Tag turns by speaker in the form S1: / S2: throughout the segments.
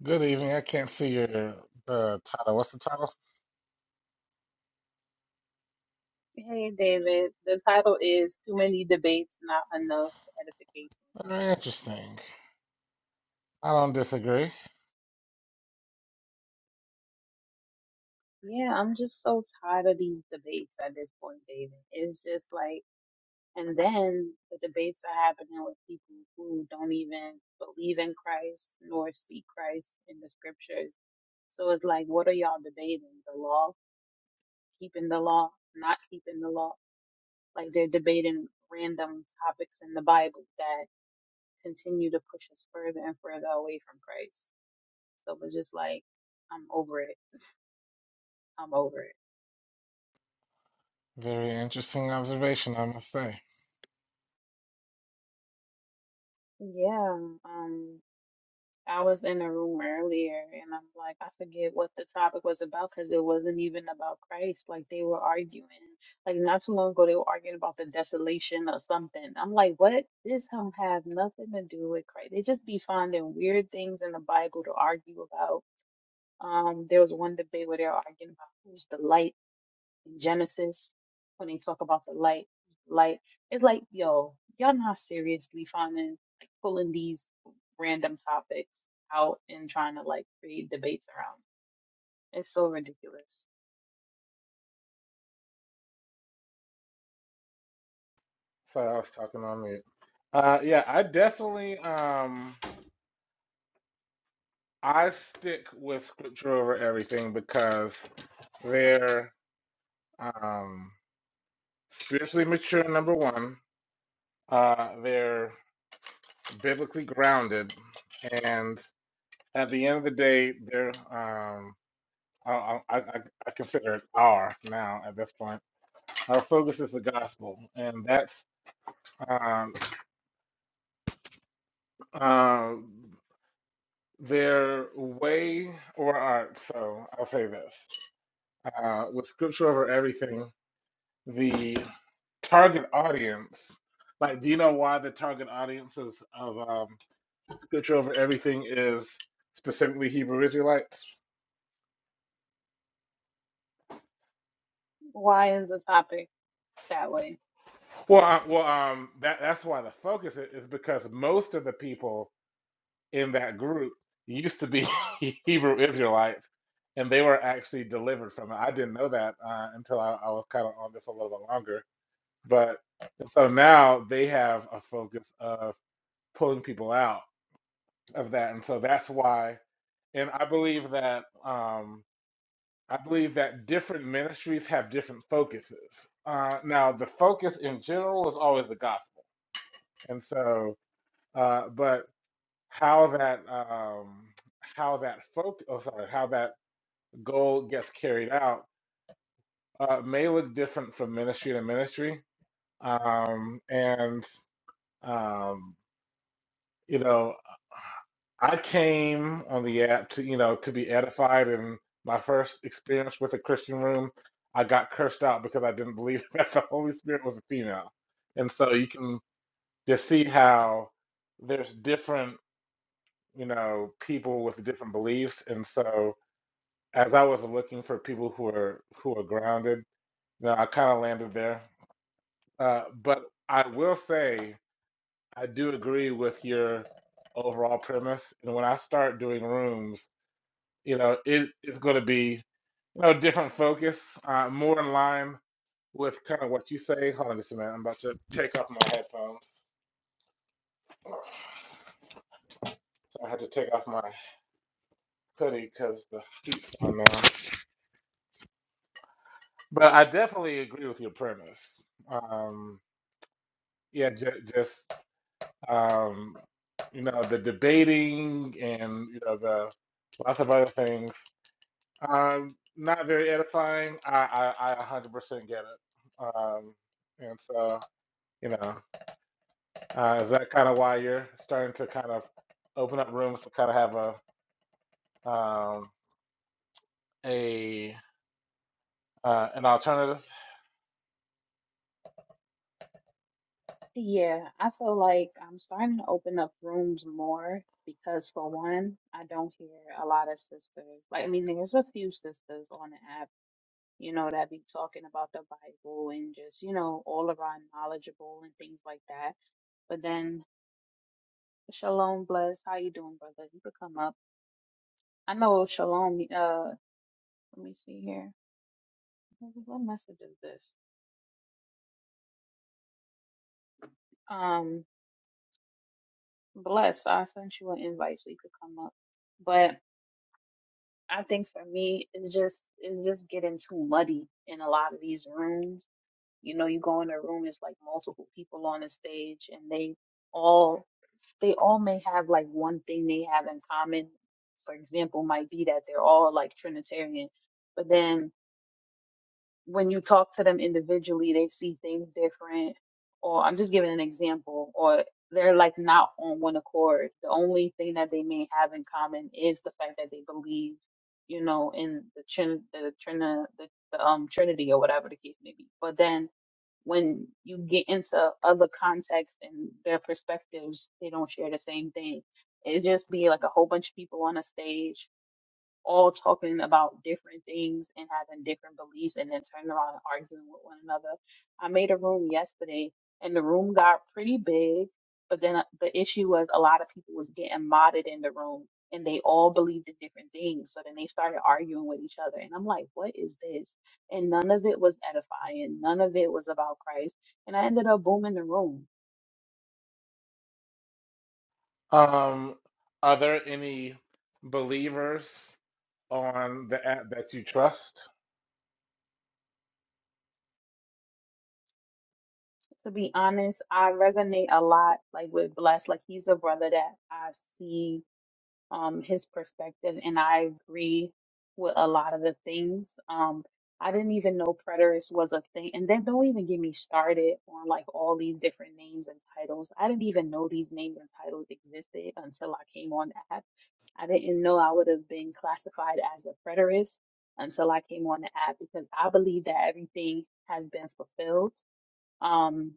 S1: Good evening. I can't see your the title. What's the title?
S2: Hey David, the title is Too Many Debates, Not Enough Edification.
S1: Very interesting. I don't disagree.
S2: Yeah, I'm just so tired of these debates at this point, David. It's just like, and then the debates are happening with people who don't even believe in Christ nor see Christ in the scriptures. So it's like, what are y'all debating? The law? Keeping the law? Not keeping the law? Like they're debating random topics in the Bible that continue to push us further and further away from Christ. So it was just like, I'm over it. I'm over it.
S1: Very interesting observation, I must say.
S2: Yeah. Um, I was in a room earlier and I'm like, I forget what the topic was about because it wasn't even about Christ. Like they were arguing. Like not too long ago, they were arguing about the desolation or something. I'm like, what? This don't have nothing to do with Christ. They just be finding weird things in the Bible to argue about. Um, there was one debate where they were arguing about who's the light. Genesis when they talk about the light, light. It's like, yo, y'all not seriously finding like pulling these random topics out and trying to like create debates around. it. It's so ridiculous.
S1: Sorry, I was talking on mute. Uh, yeah, I definitely um I stick with scripture over everything because they're um spiritually mature. Number one, uh, they're biblically grounded, and at the end of the day, they're um. I, I, I, I consider it R now at this point. Our focus is the gospel, and that's um, uh, their way or art. So I'll say this uh, with scripture over everything, the target audience. Like, do you know why the target audiences of um, scripture over everything is specifically Hebrew Israelites?
S2: Why is the topic that way?
S1: Well, uh, well, um, that that's why the focus is, is because most of the people in that group used to be Hebrew Israelites, and they were actually delivered from it. I didn't know that uh, until I, I was kind of on this a little bit longer. But so now they have a focus of pulling people out of that, and so that's why. And I believe that um, I believe that different ministries have different focuses. Uh, now, the focus in general is always the gospel, and so. Uh, but how that um, how that folk oh sorry how that goal gets carried out uh, may look different from ministry to ministry um, and um, you know I came on the app to you know to be edified and my first experience with a Christian room I got cursed out because I didn't believe that the Holy Spirit was a female and so you can just see how there's different you know people with different beliefs and so as I was looking for people who are who are grounded, you know, I kind of landed there. Uh, but I will say I do agree with your overall premise. And when I start doing rooms, you know, it, it's going to be you know different focus, uh, more in line with kind of what you say. Hold on just a minute. I'm about to take off my headphones. So I had to take off my hoodie because the heat's on now. But I definitely agree with your premise. Um, yeah, j- just um, you know, the debating and you know the lots of other things. Um, not very edifying. I I, I 100% get it. Um, and so you know, uh, is that kind of why you're starting to kind of open up rooms to kind of have a um, a uh, an alternative?
S2: Yeah, I feel like I'm starting to open up rooms more because for one, I don't hear a lot of sisters. Like, I mean, there's a few sisters on the app you know, that be talking about the Bible and just, you know, all around knowledgeable and things like that. But then Shalom bless. How you doing, brother? You could come up. I know Shalom uh let me see here. What message is this? Um bless, I sent you an invite so you could come up. But I think for me it's just it's just getting too muddy in a lot of these rooms. You know, you go in a room, it's like multiple people on the stage and they all they all may have like one thing they have in common. For example, might be that they're all like Trinitarian, but then when you talk to them individually, they see things different. Or I'm just giving an example, or they're like not on one accord. The only thing that they may have in common is the fact that they believe, you know, in the trin the trin the, the um Trinity or whatever the case may be. But then when you get into other contexts and their perspectives, they don't share the same thing. It just be like a whole bunch of people on a stage all talking about different things and having different beliefs and then turning around and arguing with one another. I made a room yesterday and the room got pretty big, but then uh, the issue was a lot of people was getting modded in the room and they all believed in different things. So then they started arguing with each other. And I'm like, what is this? And none of it was edifying. None of it was about Christ. And I ended up booming the room.
S1: Um, are there any believers on the app that you trust?
S2: To be honest, I resonate a lot like with Bless. Like he's a brother that I see um, his perspective, and I agree with a lot of the things. Um, I didn't even know preterist was a thing, and then don't even get me started on like all these different names and titles. I didn't even know these names and titles existed until I came on the app. I didn't know I would have been classified as a preterist until I came on the app because I believe that everything has been fulfilled. Um,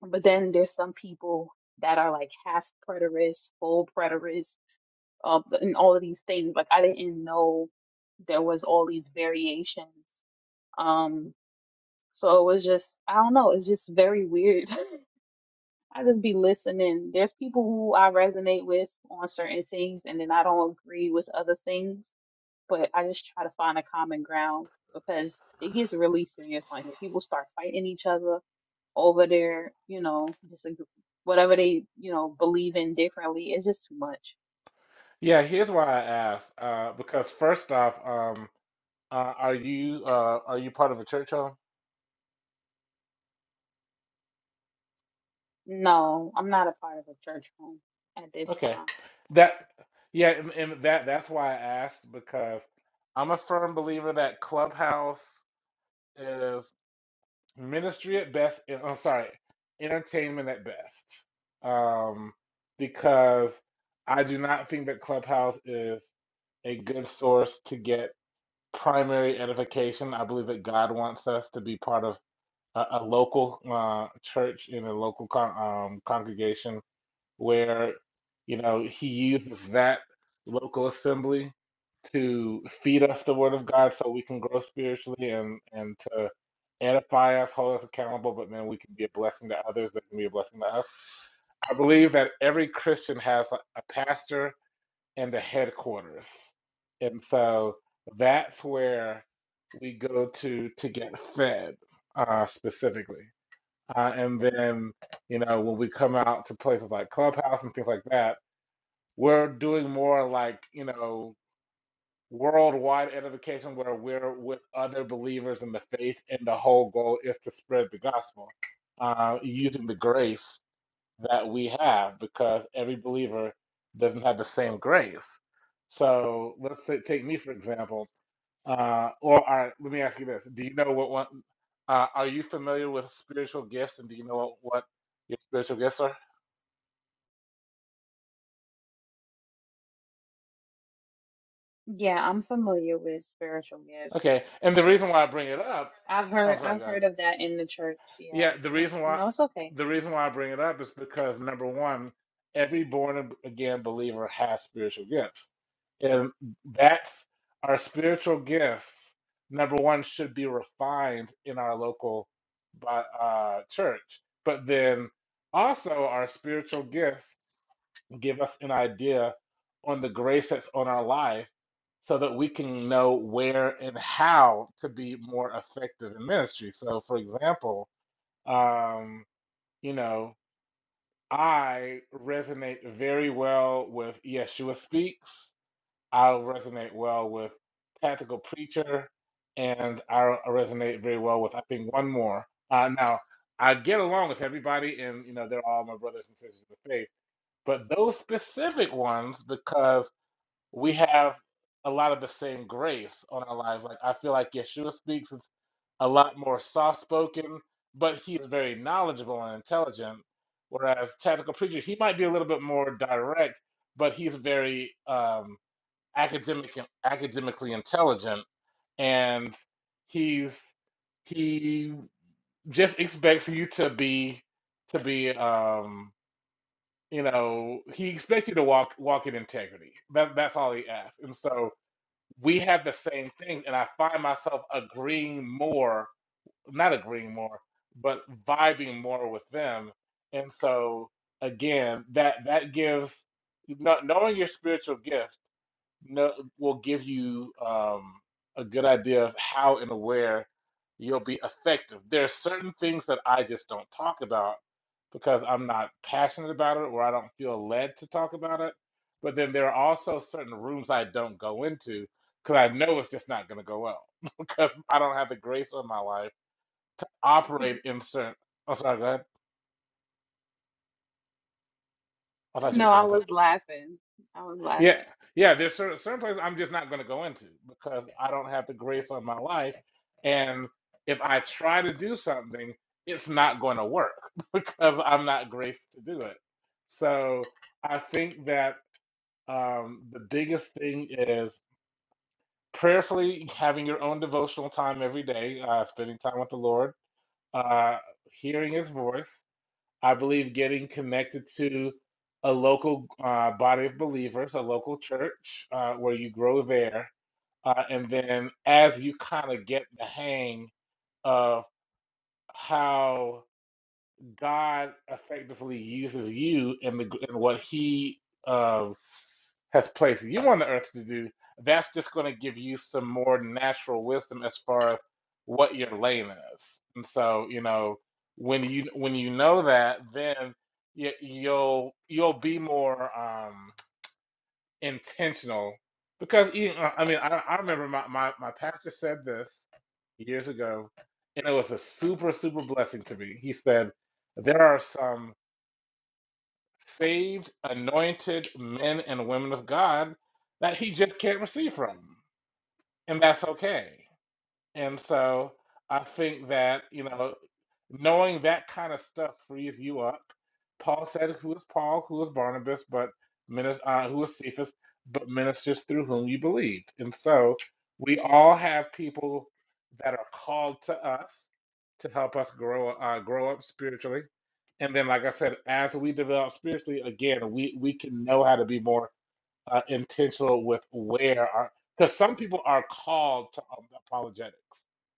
S2: but then there's some people that are like half preterists, full preterists of the, and all of these things. Like I didn't know there was all these variations. Um, so it was just I don't know. It's just very weird. I just be listening. There's people who I resonate with on certain things, and then I don't agree with other things. But I just try to find a common ground because it gets really serious on here. People start fighting each other over their, you know, just whatever they, you know, believe in differently. It's just too much.
S1: Yeah, here's why I asked. Uh, because first off, um, uh, are you uh, are you part of a church home?
S2: No, I'm not a part of a church home at this
S1: Okay,
S2: time.
S1: that yeah, and, and that that's why I asked because I'm a firm believer that Clubhouse is ministry at best. and- I'm sorry, entertainment at best. Um, because I do not think that Clubhouse is a good source to get primary edification. I believe that God wants us to be part of a, a local uh, church in a local con um, congregation where you know he uses that local assembly to feed us the word of God so we can grow spiritually and and to edify us, hold us accountable, but then we can be a blessing to others that can be a blessing to us. I believe that every Christian has a, a pastor and a headquarters. And so that's where we go to to get fed uh, specifically. Uh, and then, you know, when we come out to places like Clubhouse and things like that, we're doing more like, you know, worldwide edification where we're with other believers in the faith, and the whole goal is to spread the gospel uh, using the grace that we have because every believer doesn't have the same grace. So let's say, take me for example. Uh, or all right, let me ask you this: Do you know what one? Uh, are you familiar with spiritual gifts, and do you know what, what your spiritual gifts are?
S2: Yeah, I'm familiar with spiritual gifts.
S1: Okay, and the reason why I bring it up,
S2: I've heard
S1: I'm sorry,
S2: I've
S1: guys.
S2: heard of that in the church. Yeah.
S1: Yeah, the
S2: What?
S1: reason why
S2: No, it's okay.
S1: the reason why I bring it up is because number one, every born again believer has spiritual gifts, and that's our spiritual gifts. Number one should be refined in our local bi- uh, church, but then also our spiritual gifts give us an idea on the grace that's on our life, so that we can know where and how to be more effective in ministry. So, for example um, you know, I resonate very well with Yeshua Speaks. I resonate well with Tactical Preacher, and I resonate very well with I think one more. Uh, now I get along with everybody, and you know they're all my brothers and sisters in the faith. But those specific ones, because we have a lot of the same grace on our lives. Like I feel like Yeshua speaks is a lot more soft spoken, but he is very knowledgeable and intelligent. Whereas tactical preacher, he might be a little bit more direct, but he's very um, academic and academically intelligent, and he's he just expects you to be to be um, you know he expects you to walk walk in integrity. That that's all he asks, and so we have the same things, and I find myself agreeing more, not agreeing more, but vibing more with them. And so again, that that gives kno- knowing your spiritual gift no, will give you um, a good idea of how and where you'll be effective. There are certain things that I just don't talk about because I'm not passionate about it or I don't feel led to talk about it. But then there are also certain rooms I don't go into because I know it's just not going to go well because I don't have the grace of my life operate in certain. Oh, sorry, go ahead. I thought you were
S2: No, I
S1: saying something.
S2: was laughing. I was
S1: Yeah,
S2: laughing.
S1: yeah. There's certain certain places I'm just not going to go into because I don't have the grace on my life, and if I try to do something, it's not going to work because I'm not graced to do it. So I think that Um, the biggest thing is prayerfully having your own devotional time every day, uh, spending time with the Lord, uh, hearing His voice. I believe getting connected to a local uh, body of believers, a local church uh, where you grow there. Uh, and then as you kind of get the hang of how. God effectively uses you in the in what He uh, has placed you on the earth to do. That's just going to give you some more natural wisdom as far as what your lane is. And so, you know, when you when you know that, then you, you'll you'll be more. um, intentional because even uh, I mean I, I remember my, my my pastor said this years ago and it was a super super blessing to me. He said there are some saved anointed men and women of God that he just can't receive from and that's okay. And so I think that, you know, knowing that kind of stuff frees you up. Paul said, Who is Paul? Who is Barnabas? But minis- uh, who is Cephas? But ministers through whom you believed. And so we all have people that are called to us to help us grow uh, grow up spiritually. And then, like I said, as we develop spiritually, again, we, we can know how to be more uh, intentional with where are because some people are called to um, apologetics.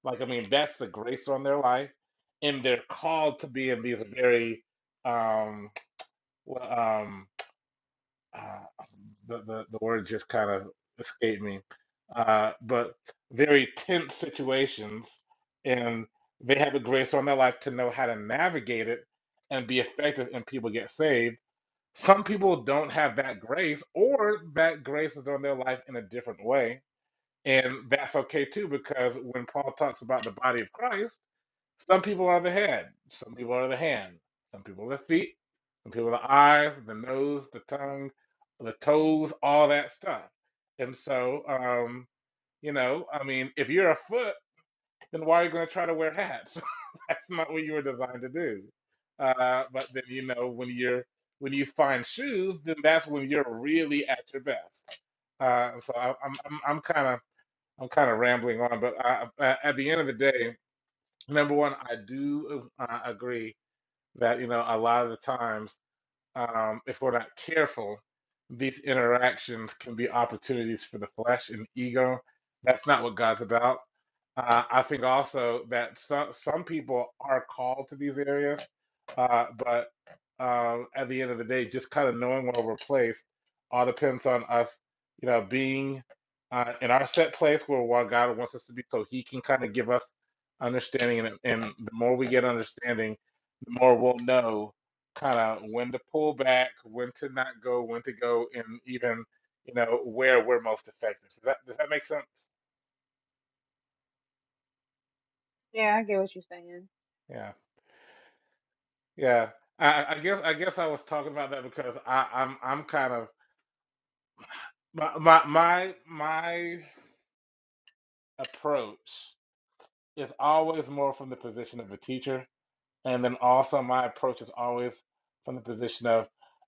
S1: Like I mean, that's the grace on their life, and they're called to be in these very um well, um uh, the, the the word just kind of escaped me, uh, but very tense situations, and they have a grace on their life to know how to navigate it and be effective, and people get saved some people don't have that grace, or that grace is on their life in a different way. And that's okay too, because when Paul talks about the body of Christ, some people are the head, some people are the hand, some people are the feet, some people are the eyes, the nose, the tongue, the toes, all that stuff. And so, um, you know, I mean, if you're a foot then why are you going to try to wear hats? That's not what you were designed to do. Uh, but then you know when you're when you find shoes, then that's when you're really at your best. Uh, so I, I'm I'm I'm kind of I'm kind of rambling on, but I, I- at the end of the day, number one, I do uh, agree that you know a lot of the times um, if we're not careful, these interactions can be opportunities for the flesh and ego. That's not what God's about. Uh, I think also that some some people are called to these areas, uh, but um, at the end of the day, just kind of knowing where we're placed all depends on us, you know, being uh, in our set place where what God wants us to be, so He can kind of give us understanding. And, and the more we get understanding, the more we'll know kind of when to pull back, when to not go, when to go, and even you know where we're most effective. Does that does that make sense?
S2: Yeah, I get what you're saying.
S1: Yeah, yeah. I, I guess I guess I was talking about that because I, I'm I'm kind of my my my my approach is always more from the position of a teacher, and then also my approach is always from the position of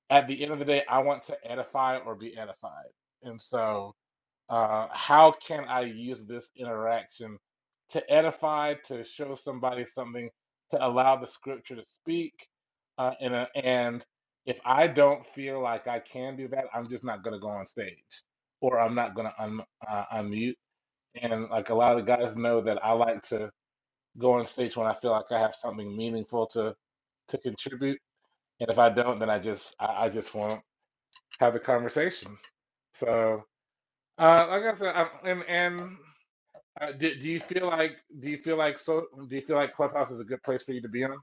S1: at the end of the day, I want to edify or be edified, and so. uh, how can I use this interaction to edify, to show somebody something, to allow the scripture to speak? Uh, and, uh, and if I don't feel like I can do that, I'm just not going to go on stage or I'm not going to un- uh, unmute. And like a lot of the guys know that I like to go on stage when I feel like I have something meaningful to to contribute. And if I don't, then I just I, I just won't have the conversation. So, uh, like I said, I, and and uh, do, do you feel like do you feel like so do you feel like Clubhouse is a good place for you to be on?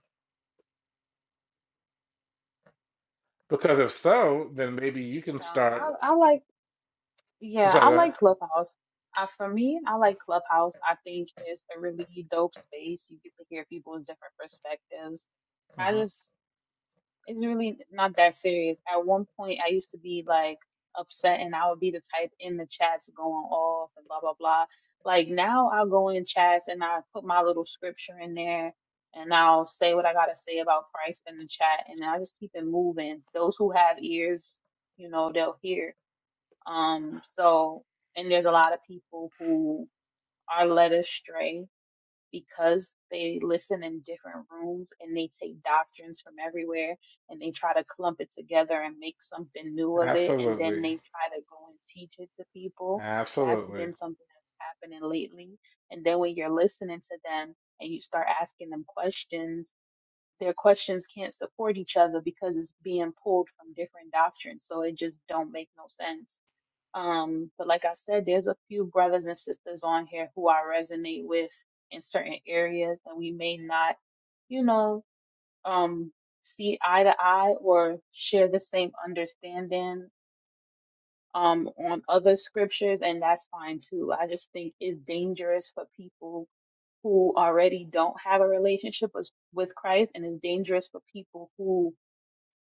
S1: Because if so, then maybe you can start.
S2: Uh, I I like
S1: I'm
S2: yeah,
S1: sorry,
S2: I
S1: go ahead.
S2: like Clubhouse. Uh, for me, I like Clubhouse. I think it's a really dope space. You get to hear people's different perspectives. I
S1: uh
S2: just it's really not that serious. At one point, I used to be like upset, and I would be the type in the chats going off and blah blah blah. Like now, I'll go in chats and I put my little scripture in there, and I'll say what I gotta say about Christ in the chat, and I just keep it moving. Those who have ears, you know, they'll hear. Um, so and there's a lot of people who are led astray because they listen in different rooms and they take doctrines from everywhere and they try to clump it together and make something new of it and
S1: Absolutely,
S2: then they try to go and teach it to people. That's
S1: absolutely.
S2: been something that's happening lately. And then when you're listening to them and you start asking them questions, their questions can't support each other because it's being pulled from different doctrines. So it just don't make no sense um, but like I said, there's a few brothers and sisters on here who I resonate with in certain areas that we may not, you know, um, see eye to eye or share the same understanding um on other scriptures and that's fine too. I just think it's dangerous for people who already don't have a relationship with, with Christ and it's dangerous for people who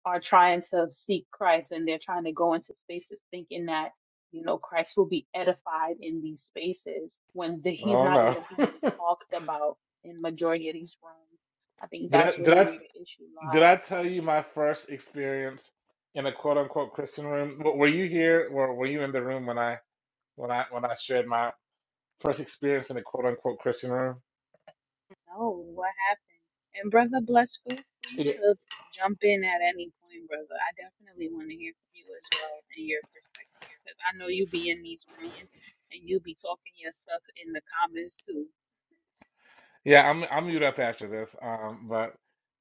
S2: are trying to seek Christ and they're trying to go into spaces thinking that, you know, Christ will be edified in these spaces when the, he's
S1: Oh
S2: not
S1: no,
S2: even being talked about in majority of these rooms. I think
S1: did I
S2: that's
S1: did
S2: really
S1: I
S2: where the issue
S1: did I
S2: lies.
S1: tell you my first experience in a quote unquote Christian room? W- Were you here or were you in the room when I when I when I shared my first experience in a quote unquote Christian room?
S2: No, what happened? And brother Bless, feel free to jump in at any point, brother. I definitely want to hear from you as well and your perspective because I know you be in these rooms and you be talking your stuff in the comments too.
S1: Yeah, I'm I'm mute up after this. Um, but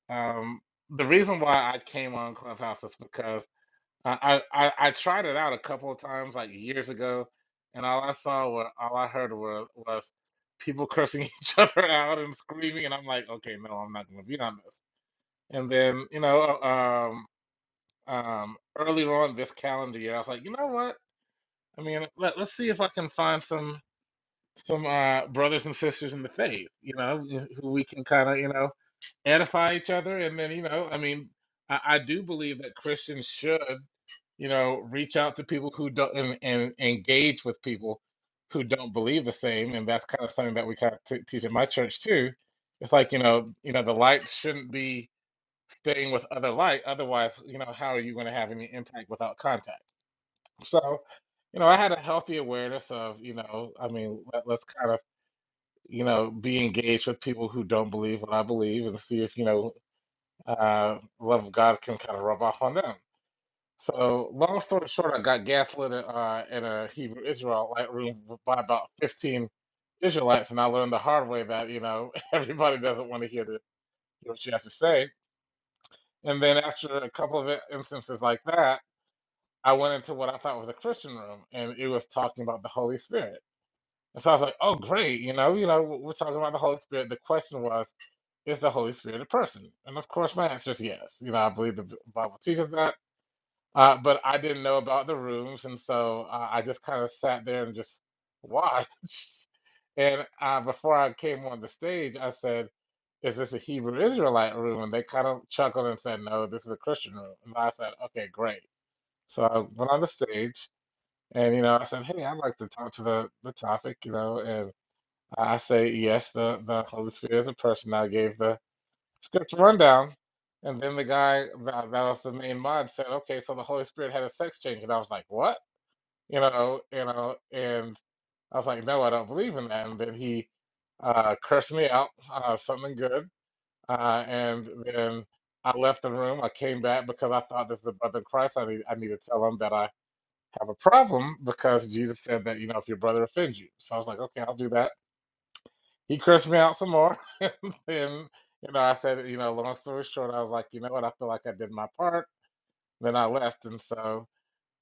S1: um, the reason why I came on Clubhouse is because I, I I I tried it out a couple of times like years ago, and all I saw were all I heard were was people cursing each other out and screaming, and I'm like, okay, no, I'm not going to be on this. And then you know, um, um, earlier on this calendar year, I was like, you know what? I mean, let, let's see if I can find some some uh, brothers and sisters in the faith, you know, who we can kind of you know edify each other and then you know i mean i, I do believe that christians should you know reach out to people who don't and, and engage with people who don't believe the same and that's kind of something that we kind of t- teach in my church too it's like you know you know the light shouldn't be staying with other light otherwise you know how are you going to have any impact without contact so you know i had a healthy awareness of you know i mean let, let's kind of you know be engaged with people who don't believe what i believe and see if you know uh, love of God can kind of rub off on them. So, long story short, I got gaslit uh, in a Hebrew Israelite room by about 15 Israelites, and I learned the hard way that, you know, everybody doesn't want to hear, the, what she has to say. And then, after a couple of instances like that, I went into what I thought was a Christian room, and it was talking about the Holy Spirit. And so I was like, "Oh, great! You know, you know, we're talking about the Holy Spirit." The question was, "Is the Holy Spirit a person?" And of course, my answer is yes. You know, I believe the Bible teaches that. Uh, but I didn't know about the rooms, and so uh, I just kind of sat there and just watched. And uh, before I came on the stage, I said, "Is this a Hebrew Israelite room?" And they kind of chuckled and said, "No, this is a Christian room." And I said, "Okay, great." So I went on the stage, and you know, I said, "Hey, I'd like to talk to the the topic," you know, and I I say, "Yes, the the Holy Spirit is a person." I gave the scripture rundown. And then the guy that, that was the main mod said, okay, so the Holy Spirit had a sex change. And I was like, what? You know, you know, and I was like, no, I don't believe in that. And then he uh, cursed me out, uh, something good. Uh, and then I left the room. I came back because I thought this is the brother in Christ. I need, I need to tell him that I have a problem because Jesus said that, you know, if your brother offends you. So I was like, okay, I'll do that he cursed me out some more. and then, you know, I said, you know, long story short, I was like, you know what, I feel like I did my part. Then I left. And so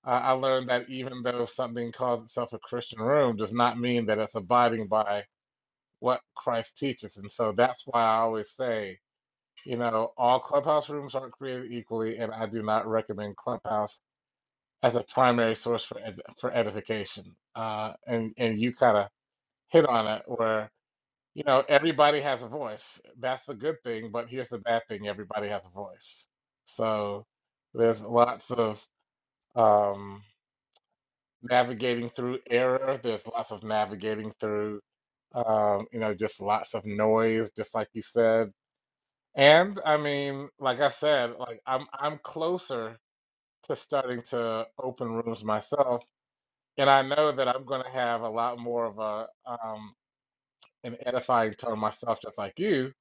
S1: I, I learned that even though something calls itself a Christian room does not mean that it's abiding by what Christ teaches. And so that's why I always say, you know, all clubhouse rooms aren't created equally, and I do not recommend clubhouse as a primary source for ed for edification. Uh, and and you kind of hit on it where You know, everybody has a voice. That's the good thing, but here's the bad thing, everybody has a voice. So there's lots of um, navigating through error. There's lots of navigating through, um, you know, just lots of noise, just like you said. And I mean, like I said, like I'm I'm closer to starting to open rooms myself, and I know that I'm going to have a lot more of a um, an edifying tone myself, just like you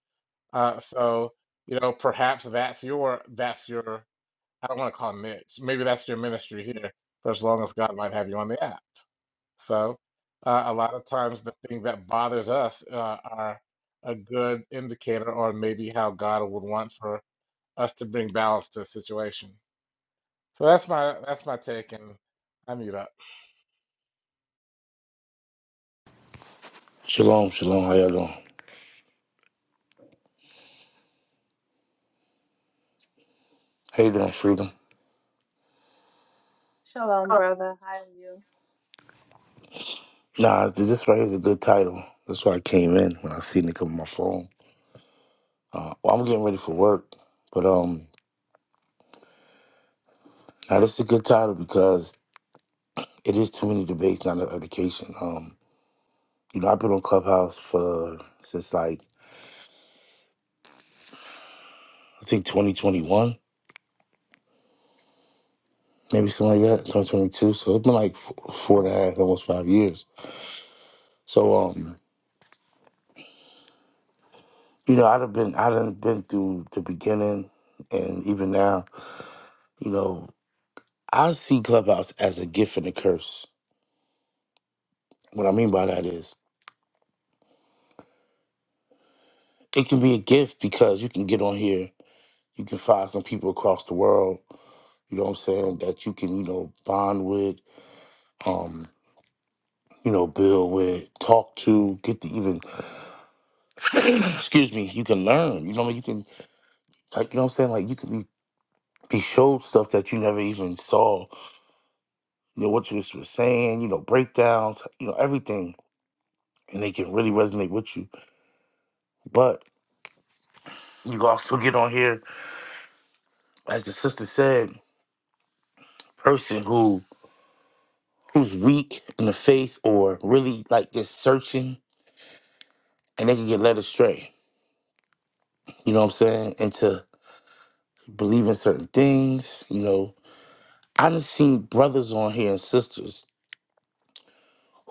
S1: Uh, so, you know, perhaps that's your that's your I don't want to call it niche. Maybe that's your ministry here for as long as God might have you on the app. So, uh, a lot of times the thing that bothers us uh, are a good indicator or maybe how God would want for us to bring balance to the situation. So that's my that's my take, and I mute up.
S3: Shalom, shalom. How y'all doing? How you doing, Freedom?
S2: Shalom, brother. How are you?
S3: Nah, th- this right here is a good title. That's why I came in when I seen it come on my phone. Uh, well, I'm getting ready for work, but um, now this is a good title because it is too many debates, not enough education. Um, you know, I've been on Clubhouse for since like I think 2021, maybe something like that, 2022. So it's been like f- four and a half, almost five years. So um, you know, I'd have been, I'd have been through the beginning and even now. You know, I see Clubhouse as a gift and a curse. What I mean by that is it can be a gift because you can get on here, you can find some people across the world, you know what I'm saying, that you can, you know, bond with, um, you know, build with, talk to, get to even excuse me, you can learn. You know what I mean? You can like you know what I'm saying? Like you can be be showed stuff that you never even saw. You know, what you was was saying, you know, breakdowns, you know, everything. And they can really resonate with you. But you can also get on here, as the sister said, person who who's weak in the faith or really like just searching and they can get led astray. You know what I'm saying? Into believing certain things. You know, I done seen brothers on here and sisters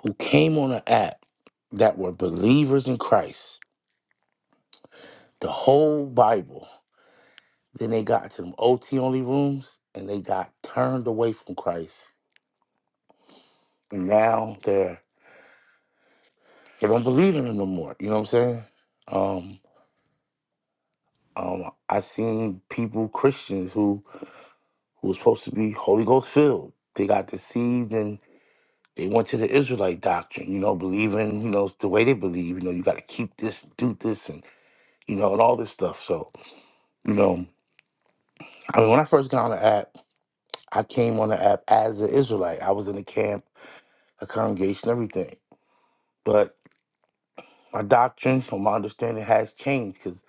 S3: who came on an app that were believers in Christ, the whole Bible. Then they got to them OT only rooms and they got turned away from Christ. And now they're they don't believe in him no more. You know what I'm saying? Um, um, I seen people Christians who who was supposed to be Holy Ghost filled. They got deceived and they went to the Israelite doctrine, you know, believing, you know, the way they believe, you know, you got to keep this, do this, and, you know, and all this stuff. So, you know, I mean, when I first got on the app, I came on the app as an Israelite. I was in a camp, a congregation, everything. But my doctrine, from my understanding has changed because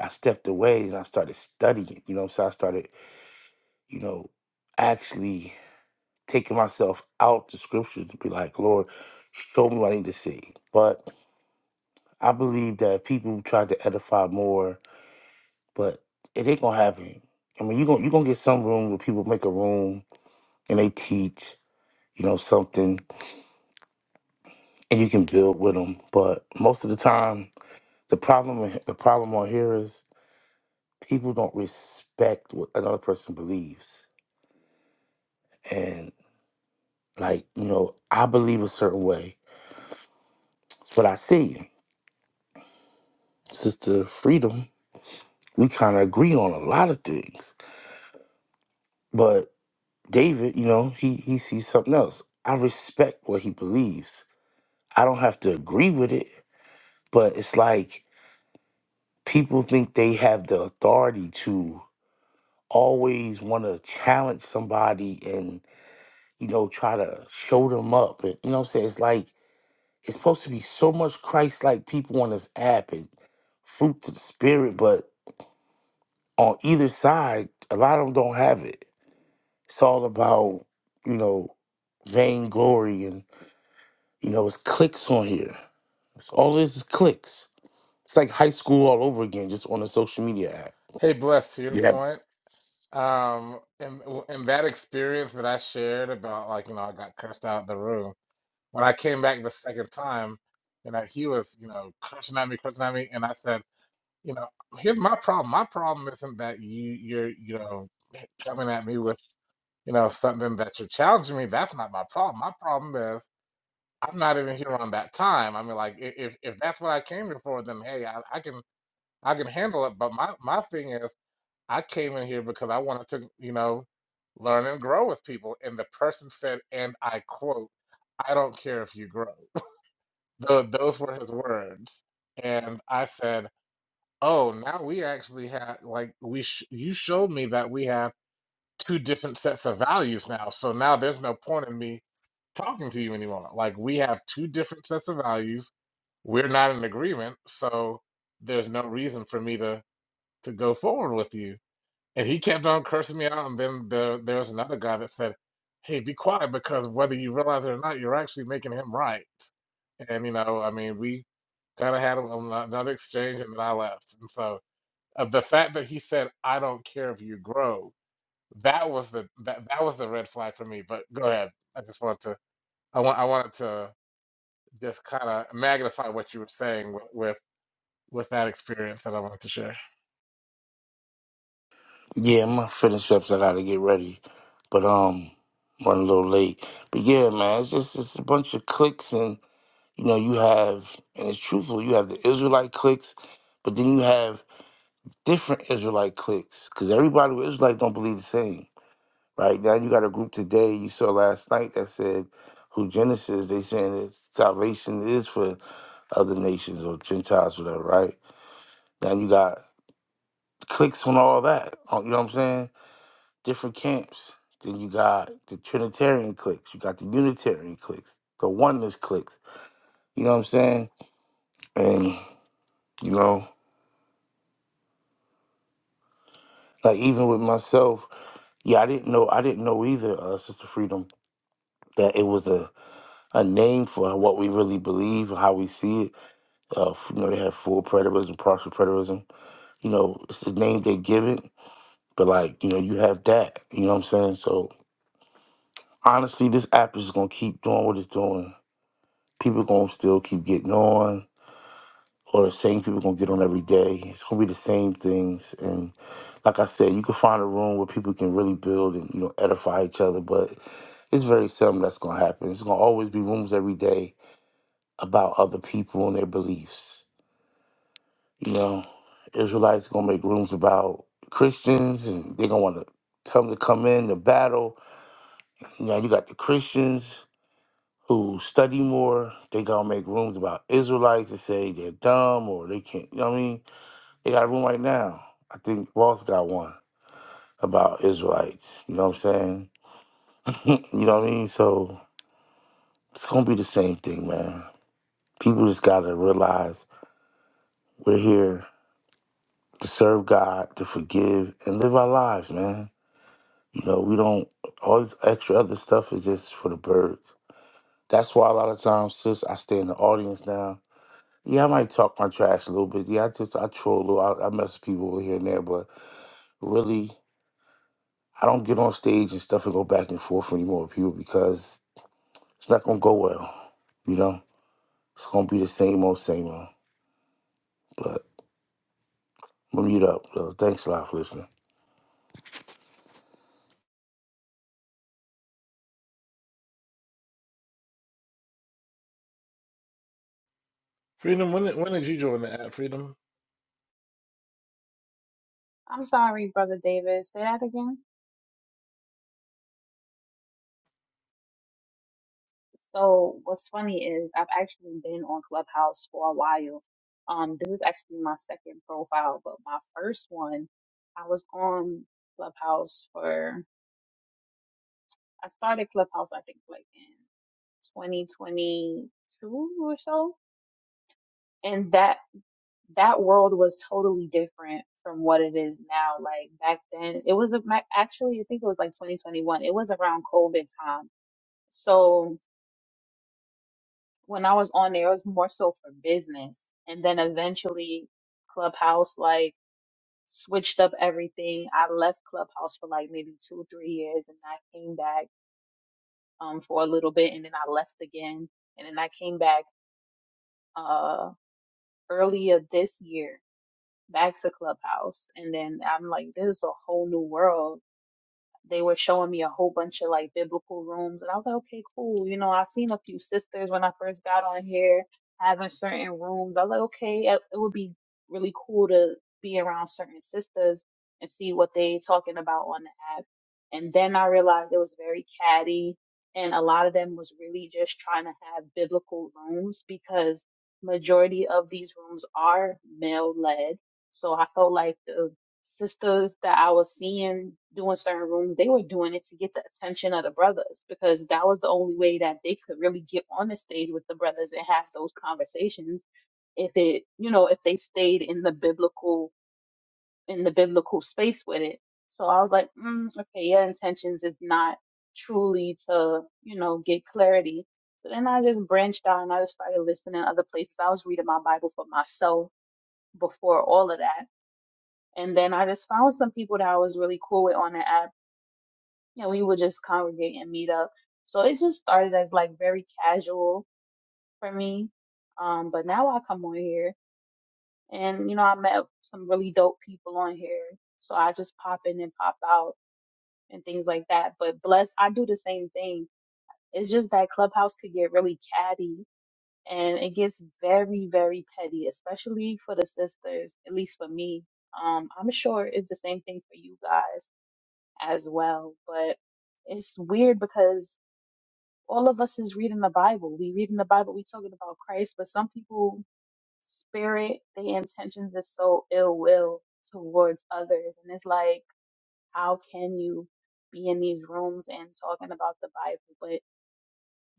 S3: I stepped away and I started studying, you know, so I started, you know, actually taking myself out the scriptures to be like, Lord, show me what I need to see. But I believe that people try to edify more, but it ain't gonna happen. I mean, you're gonna, you gonna get some room where people make a room and they teach, you know, something and you can build with them. But most of the time, the problem the problem on here is people don't respect what another person believes. And like, you know, I believe a certain way. It's what I see. Sister Freedom, we kind of agree on a lot of things. But David, you know, he he sees something else. I respect what he believes. I don't have to agree with it, but it's like people think they have the authority to always want to challenge somebody and you know try to show them up. And, you know what I'm saying? It's like it's supposed to be so much Christ-like people on this app and fruit to the spirit, but on either side, a lot of them don't have it It's all about, you know, vainglory and, you know, it's clicks on here. It's all this is clicks. It's like high school all over again, just on a social media app.
S1: Hey, bless to your
S3: Yeah.
S1: point. Um, and and that experience that I shared about like you know I got cursed out of the room. When I came back the second time, you know, he was, you know, cursing at me, cursing at me, and I said, you know, here's my problem. My problem isn't that you you're, you know, coming at me with, you know, something that you're challenging me. That's not my problem. My problem is I'm not even here on that time. I mean, like, i- if if that's what I came here for, then hey, I, I can I can handle it. But my my thing is, I came in here because I wanted to, you know, learn and grow with people. And the person said, and I quote, I don't care if you grow. Tho- those were his words. And I said, "Oh, now we actually have like we sh you showed me that we have two different sets of values now. So now there's no point in me talking to you anymore. Like we have two different sets of values. We're not in agreement, so there's no reason for me to to go forward with you." And he kept on cursing me out. And then there, there was another guy that said, Hey, be quiet because whether you realize it or not, you're actually making him right. And, you know, I mean, we kind of had a- a- another exchange and then I left. And so uh, the fact that he said, I don't care if you grow, that was the that, that was the red flag for me. But go ahead. I just wanted to I want I wanted to just kind of magnify what you were saying with, with with that experience that I wanted to share.
S3: Yeah, I'm gonna finish up, so I gotta get ready. But um running a little late. But yeah, man, it's just it's a bunch of clicks and you know, you have and it's truthful, you have the Israelite clicks, but then you have different Israelite clicks. Cause everybody with Israelite don't believe the same. Right now, you got a group today you saw last night that said, "Who Genesis?" They saying that salvation is for other nations or Gentiles, whatever. Right now, you got clicks on all that. on- You know what I'm saying? Different camps. Then you got the Trinitarian cliques. You got the Unitarian cliques. The oneness cliques. You know what I'm saying? And you know, like even with myself, yeah, I didn't know. I didn't know either, uh, Sister Freedom, that it was a a name for what we really believe, how we see it Uh, you know, they have full preterism, partial preterism. You know, it's the name they give it, but like, you know, you have that. You know what I'm saying? So honestly, this app is gonna keep doing what it's doing. People gonna still keep getting on, or the same people gonna get on every day. It's gonna be the same things. And like I said, you can find a room where people can really build and you know edify each other, but it's very seldom that's gonna happen. It's gonna always be rooms every day about other people and their beliefs You know, Israelites gonna make rooms about Christians, and they're gonna want to tell them to come in to battle. You know, you got the Christians who study more. They gonna make rooms about Israelites and say they're dumb or they can't. You know what I mean? They got a room right now. I think Ross got one about Israelites. You know what I'm saying? You know what I mean? So it's gonna be the same thing, man. People just gotta realize we're here to serve God, to forgive, and live our lives, man. You know, we don't all this extra other stuff is just for the birds. That's why a lot of times, sis, I stay in the audience now. Yeah, I might talk my trash a little bit. Yeah, I just I troll a little. I, I mess with people here and there, but really, I don't get on stage and stuff and go back and forth anymore with people because it's not gonna go well. You know, it's gonna be the same old, same old. But I'm gonna mute up. Though. Thanks a lot for listening.
S1: Freedom, when did, when did you join the app, Freedom?
S2: I'm sorry, Brother Davis. Say that again. So what's funny is I've actually been on Clubhouse for a while. Um, this is actually my second profile, but my first one, I was on Clubhouse for, I started Clubhouse, I think like in 2022 or so. And that, that world was totally different from what it is now. Like back then, it was a- ma- actually, I think it was like 2021. It was around COVID time. So when I was on there, it was more so for business. And then eventually Clubhouse like switched up everything. I left Clubhouse for like maybe two, three years and I came back um for a little bit and then I left again. And then I came back uh earlier this year back to Clubhouse. And then I'm like, this is a whole new world They were showing me a whole bunch of like biblical rooms, and I was like, okay, cool. You know, I seen a few sisters when I first got on here having certain rooms. I was like, okay, it, it would be really cool to be around certain sisters and see what they talking about on the app. And then I realized it was very catty, and a lot of them was really just trying to have biblical rooms because majority of these rooms are male led. So I felt like the sisters that I was seeing doing certain rooms, they were doing it to get the attention of the brothers because that was the only way that they could really get on the stage with the brothers and have those conversations if it, you know, if they stayed in the biblical in the biblical space with it. So I was like, mm, okay, your intentions is not truly to, you know, get clarity. So then I just branched out and I just started listening to other places. I was reading my Bible for myself before all of that and then I just found some people that I was really cool with on the app. You know, we would just congregate and meet up. So it just started as like very casual for me. Um, but now I come on here and, you know, I met some really dope people on here. So I just pop in and pop out and things like that. But bless, I do the same thing. It's just that Clubhouse could get really catty and it gets very, very petty, especially for the sisters, at least for me. Um, I'm sure it's the same thing for you guys as well. But it's weird because all of us is reading the Bible. We reading the Bible, we talking about Christ, but some people spirit, their intentions is so ill will towards others. And it's like, how can you be in these rooms and talking about the Bible? But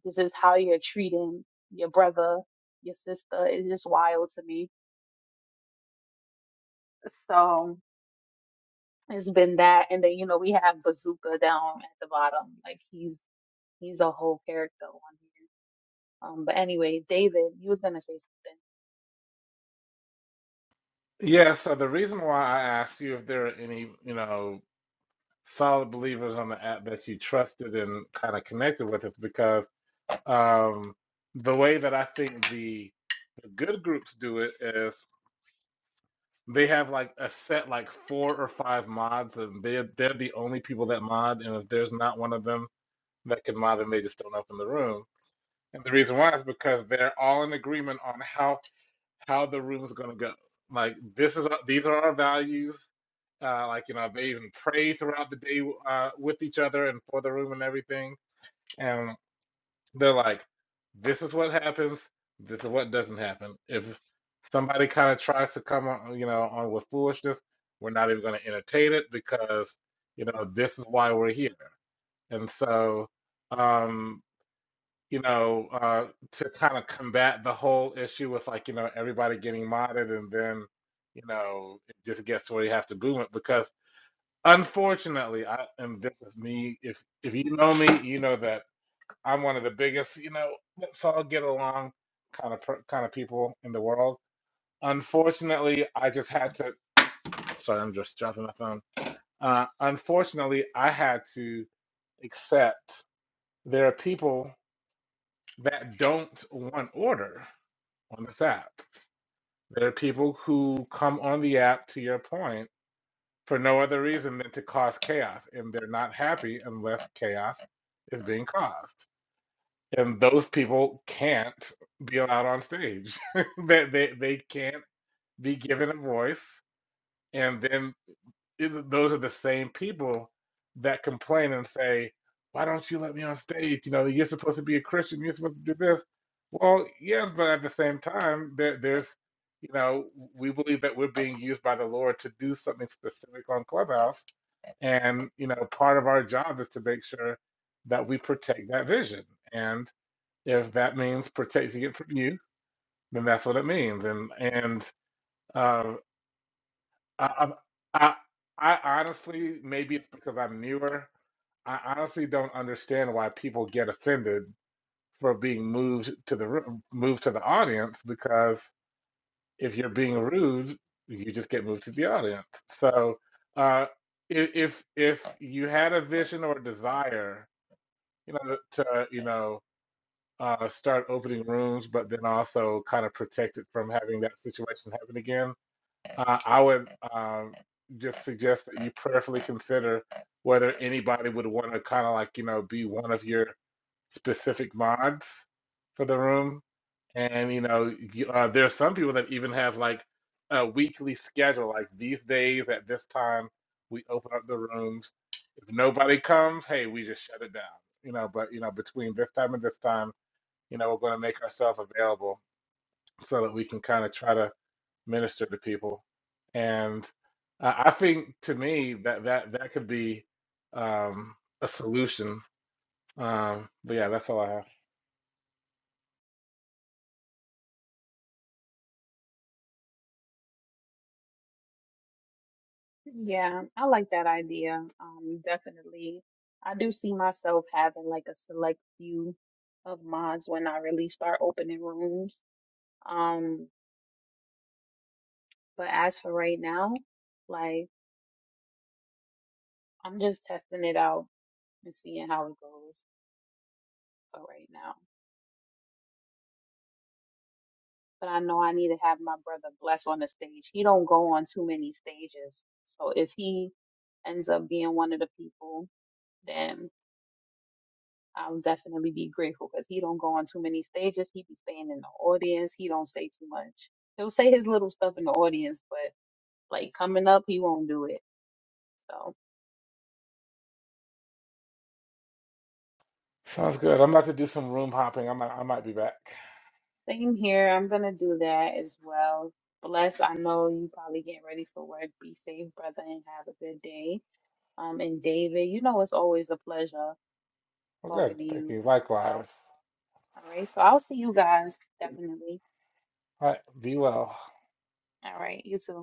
S2: this is how you're treating your brother, your sister. It's just wild to me. So it's been that. And then, you know, we have Bazooka down at the bottom. Like he's he's a whole character on here. Um, but anyway, David, you was gonna say something.
S1: Yeah, so the reason why I asked you if there are any, you know, solid believers on the app that you trusted and kind of connected with is because um, the way that I think the good groups do it is they have like a set like four or five mods and they're they're the only people that mod and if there's not one of them that can mod then they just don't open the room. And the reason why is because they're all in agreement on how how the room is going to go. Like this is our, these are our values. Uh, like you know, they even pray throughout the day uh, with each other and for the room and everything. And they're like, this is what happens. This is what doesn't happen. If somebody kind of tries to come on, you know, on with foolishness, we're not even going to entertain it because you know this is why we're here. And so, um, you know, uh, to kind of combat the whole issue with like, you know, everybody getting modded and then, you know, it just gets where you have to boom it because unfortunately, I and this is me, if if you know me, you know that I'm one of the biggest, you know, let's all get along kind of per, kind of people in the world. Unfortunately, I just had to, sorry, I'm just dropping my phone. Uh, unfortunately, I had to accept there are people that don't want order on this app. There are people who come on the app, to your point, for no other reason than to cause chaos, and they're not happy unless chaos is being caused. And those people can't be allowed on stage. they, they, they can't be given a voice. And then those are the same people that complain and say, "Why don't you let me on stage? You know, you're supposed to be a Christian. You're supposed to do this." Well, yes, but at the same time, there, there's, you know, we believe that we're being used by the Lord to do something specific on Clubhouse, and you know, part of our job is to make sure that we protect that vision. And if that means protecting it from you, then that's what it means. And and uh, I, I, I, I honestly, maybe it's because I'm newer. I honestly don't understand why people get offended for being moved to the ru- moved to the audience because if you're being rude, you just get moved to the audience. So, uh, i- if if you had a vision or desire, you know, to you know uh, start opening rooms, but then also kind of protect it from having that situation happen again, uh, I would um, just suggest that you prayerfully consider whether anybody would want to kind of like, you know, be one of your specific mods for the room. And, you know, you, uh, there are some people that even have like a weekly schedule, like these days at this time, we open up the rooms. If nobody comes, hey, we just shut it down, you know, but, you know, between this time and this time, you know, we're going to make ourselves available so that we can kind of try to minister to people. And I I think to me that that that could be um, a solution. Um, but yeah, that's all I have.
S2: Yeah, I like that idea. Um, definitely. I do see myself having like a select few of mods when I really start opening rooms. Um, but as for right now, like I'm just testing it out and seeing how it goes for right now. But I know I need to have my brother Bless on the stage. He don't go on too many stages. So if he ends up being one of the people, then. um, definitely be grateful because he don't go on too many stages. He be staying in the audience. He don't say too much. He'll say his little stuff in the audience, but like coming up, he won't do it. So
S1: Sounds good. I'm about to do some room hopping. I might I might be back.
S2: same here. I'm gonna do that as well. Bless. I know you probably getting ready for work. Be safe, brother, and have a good day. Um, and David, you know it's always a pleasure
S1: Well,
S2: talking
S1: good.
S2: to
S1: Thank
S2: you
S1: you.
S2: as well.
S1: Likewise.
S2: All right. So I'll see you guys definitely.
S1: All right. Be well.
S2: All right. You too.